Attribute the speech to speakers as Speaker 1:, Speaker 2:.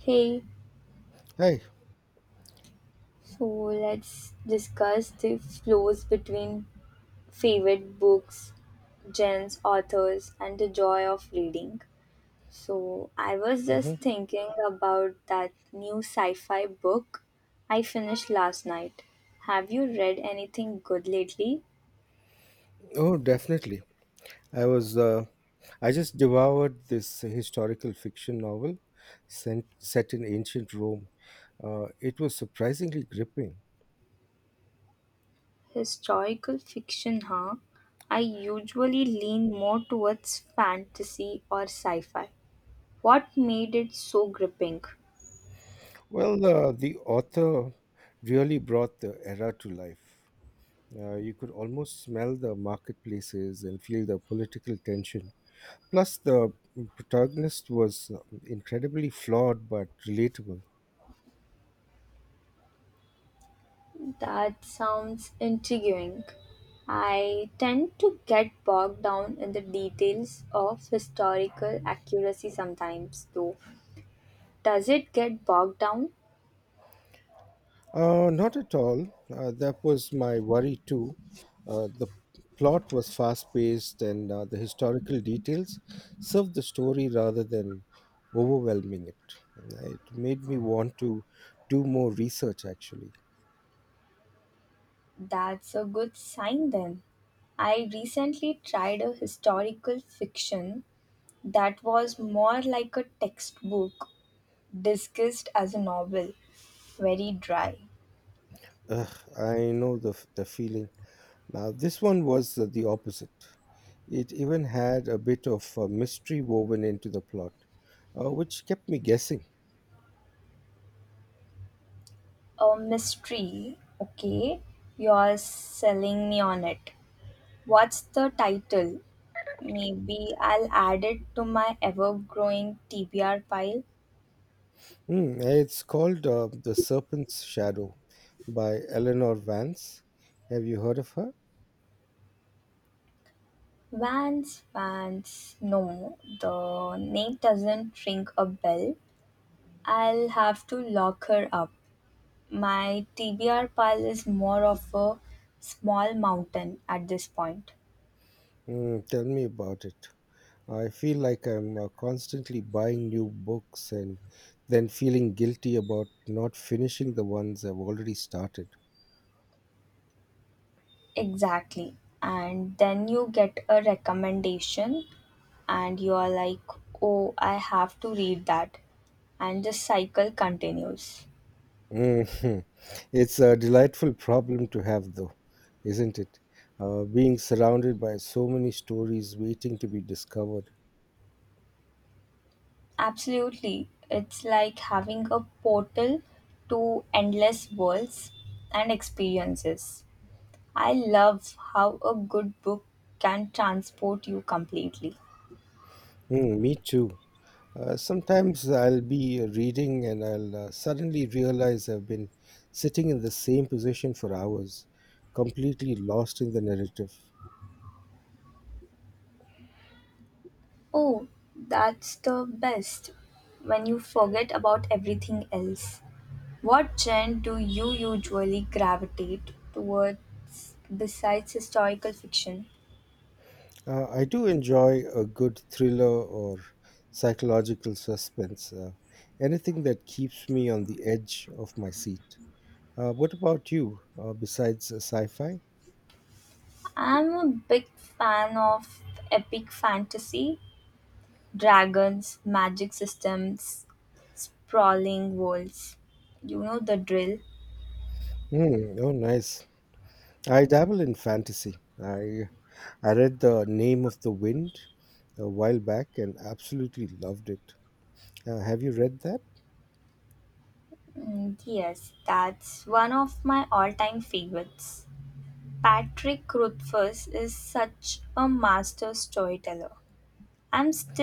Speaker 1: Hey,
Speaker 2: Hi.
Speaker 1: so let's discuss the flows between favorite books, genres, authors, and the joy of reading. So, I was just
Speaker 2: hmm
Speaker 1: thinking about that new sci fi book I finished last night. Have you read anything good lately?
Speaker 2: Oh, definitely. I was. I just devoured this historical fiction novel, set in ancient Rome. It was surprisingly gripping.
Speaker 1: Historical fiction, huh? I usually lean more towards fantasy or sci fi. What made it so gripping?
Speaker 2: Well, the author really brought the era to life. You could almost smell the marketplaces and feel the political tension. Plus, the protagonist was incredibly flawed but relatable.
Speaker 1: That sounds intriguing. I tend to get bogged down in the details of historical accuracy sometimes, though. Does it get bogged down?
Speaker 2: Not at all. That was my worry too. The plot was fast paced and the historical details served the story rather than overwhelming it. It made me want to do more research actually.
Speaker 1: That's a good sign then. I recently tried a historical fiction that was more like a textbook disguised as a novel, very dry.
Speaker 2: Ugh, I know the feeling. Now, this one was the opposite. It even had a bit of mystery woven into the plot, which kept me guessing.
Speaker 1: A mystery, okay? You're selling me on it. What's the title? Maybe I'll add it to my ever growing TBR pile.
Speaker 2: It's called The Serpent's Shadow by Eleanor Vance. Have you heard of her?
Speaker 1: Vance, Vance, no, the name doesn't ring a bell. I'll have to lock her up. My TBR pile is more of a small mountain at this point.
Speaker 2: Mm, tell me about it. I feel like I'm constantly buying new books and then feeling guilty about not finishing the ones I've already started.
Speaker 1: Exactly. And then you get a recommendation, and you are like, oh, I have to read that. And the cycle continues.
Speaker 2: Mhm. It's a delightful problem to have, though, isn't it? Being surrounded by so many stories waiting to be discovered.
Speaker 1: Absolutely. It's like having a portal to endless worlds and experiences. I love how a good book can transport you completely.
Speaker 2: Mm, me too. Sometimes I'll be reading and I'll suddenly realize I've been sitting in the same position for hours, completely lost in the narrative.
Speaker 1: Oh, that's the best when you forget about everything else. What genre do you usually gravitate towards besides historical fiction?
Speaker 2: I do enjoy a good thriller or psychological suspense, anything that keeps me on the edge of my seat. What about you, besides sci fi?
Speaker 1: I'm a big fan of epic fantasy dragons, magic systems, sprawling worlds. You know the drill?
Speaker 2: Hmm, oh, nice. I dabble in fantasy. I read The Name of the Wind a while back and absolutely loved it. Have you read that?
Speaker 1: Mm, yes, that's one of my all time favorites. Patrick Rothfuss is such a master storyteller. I'm still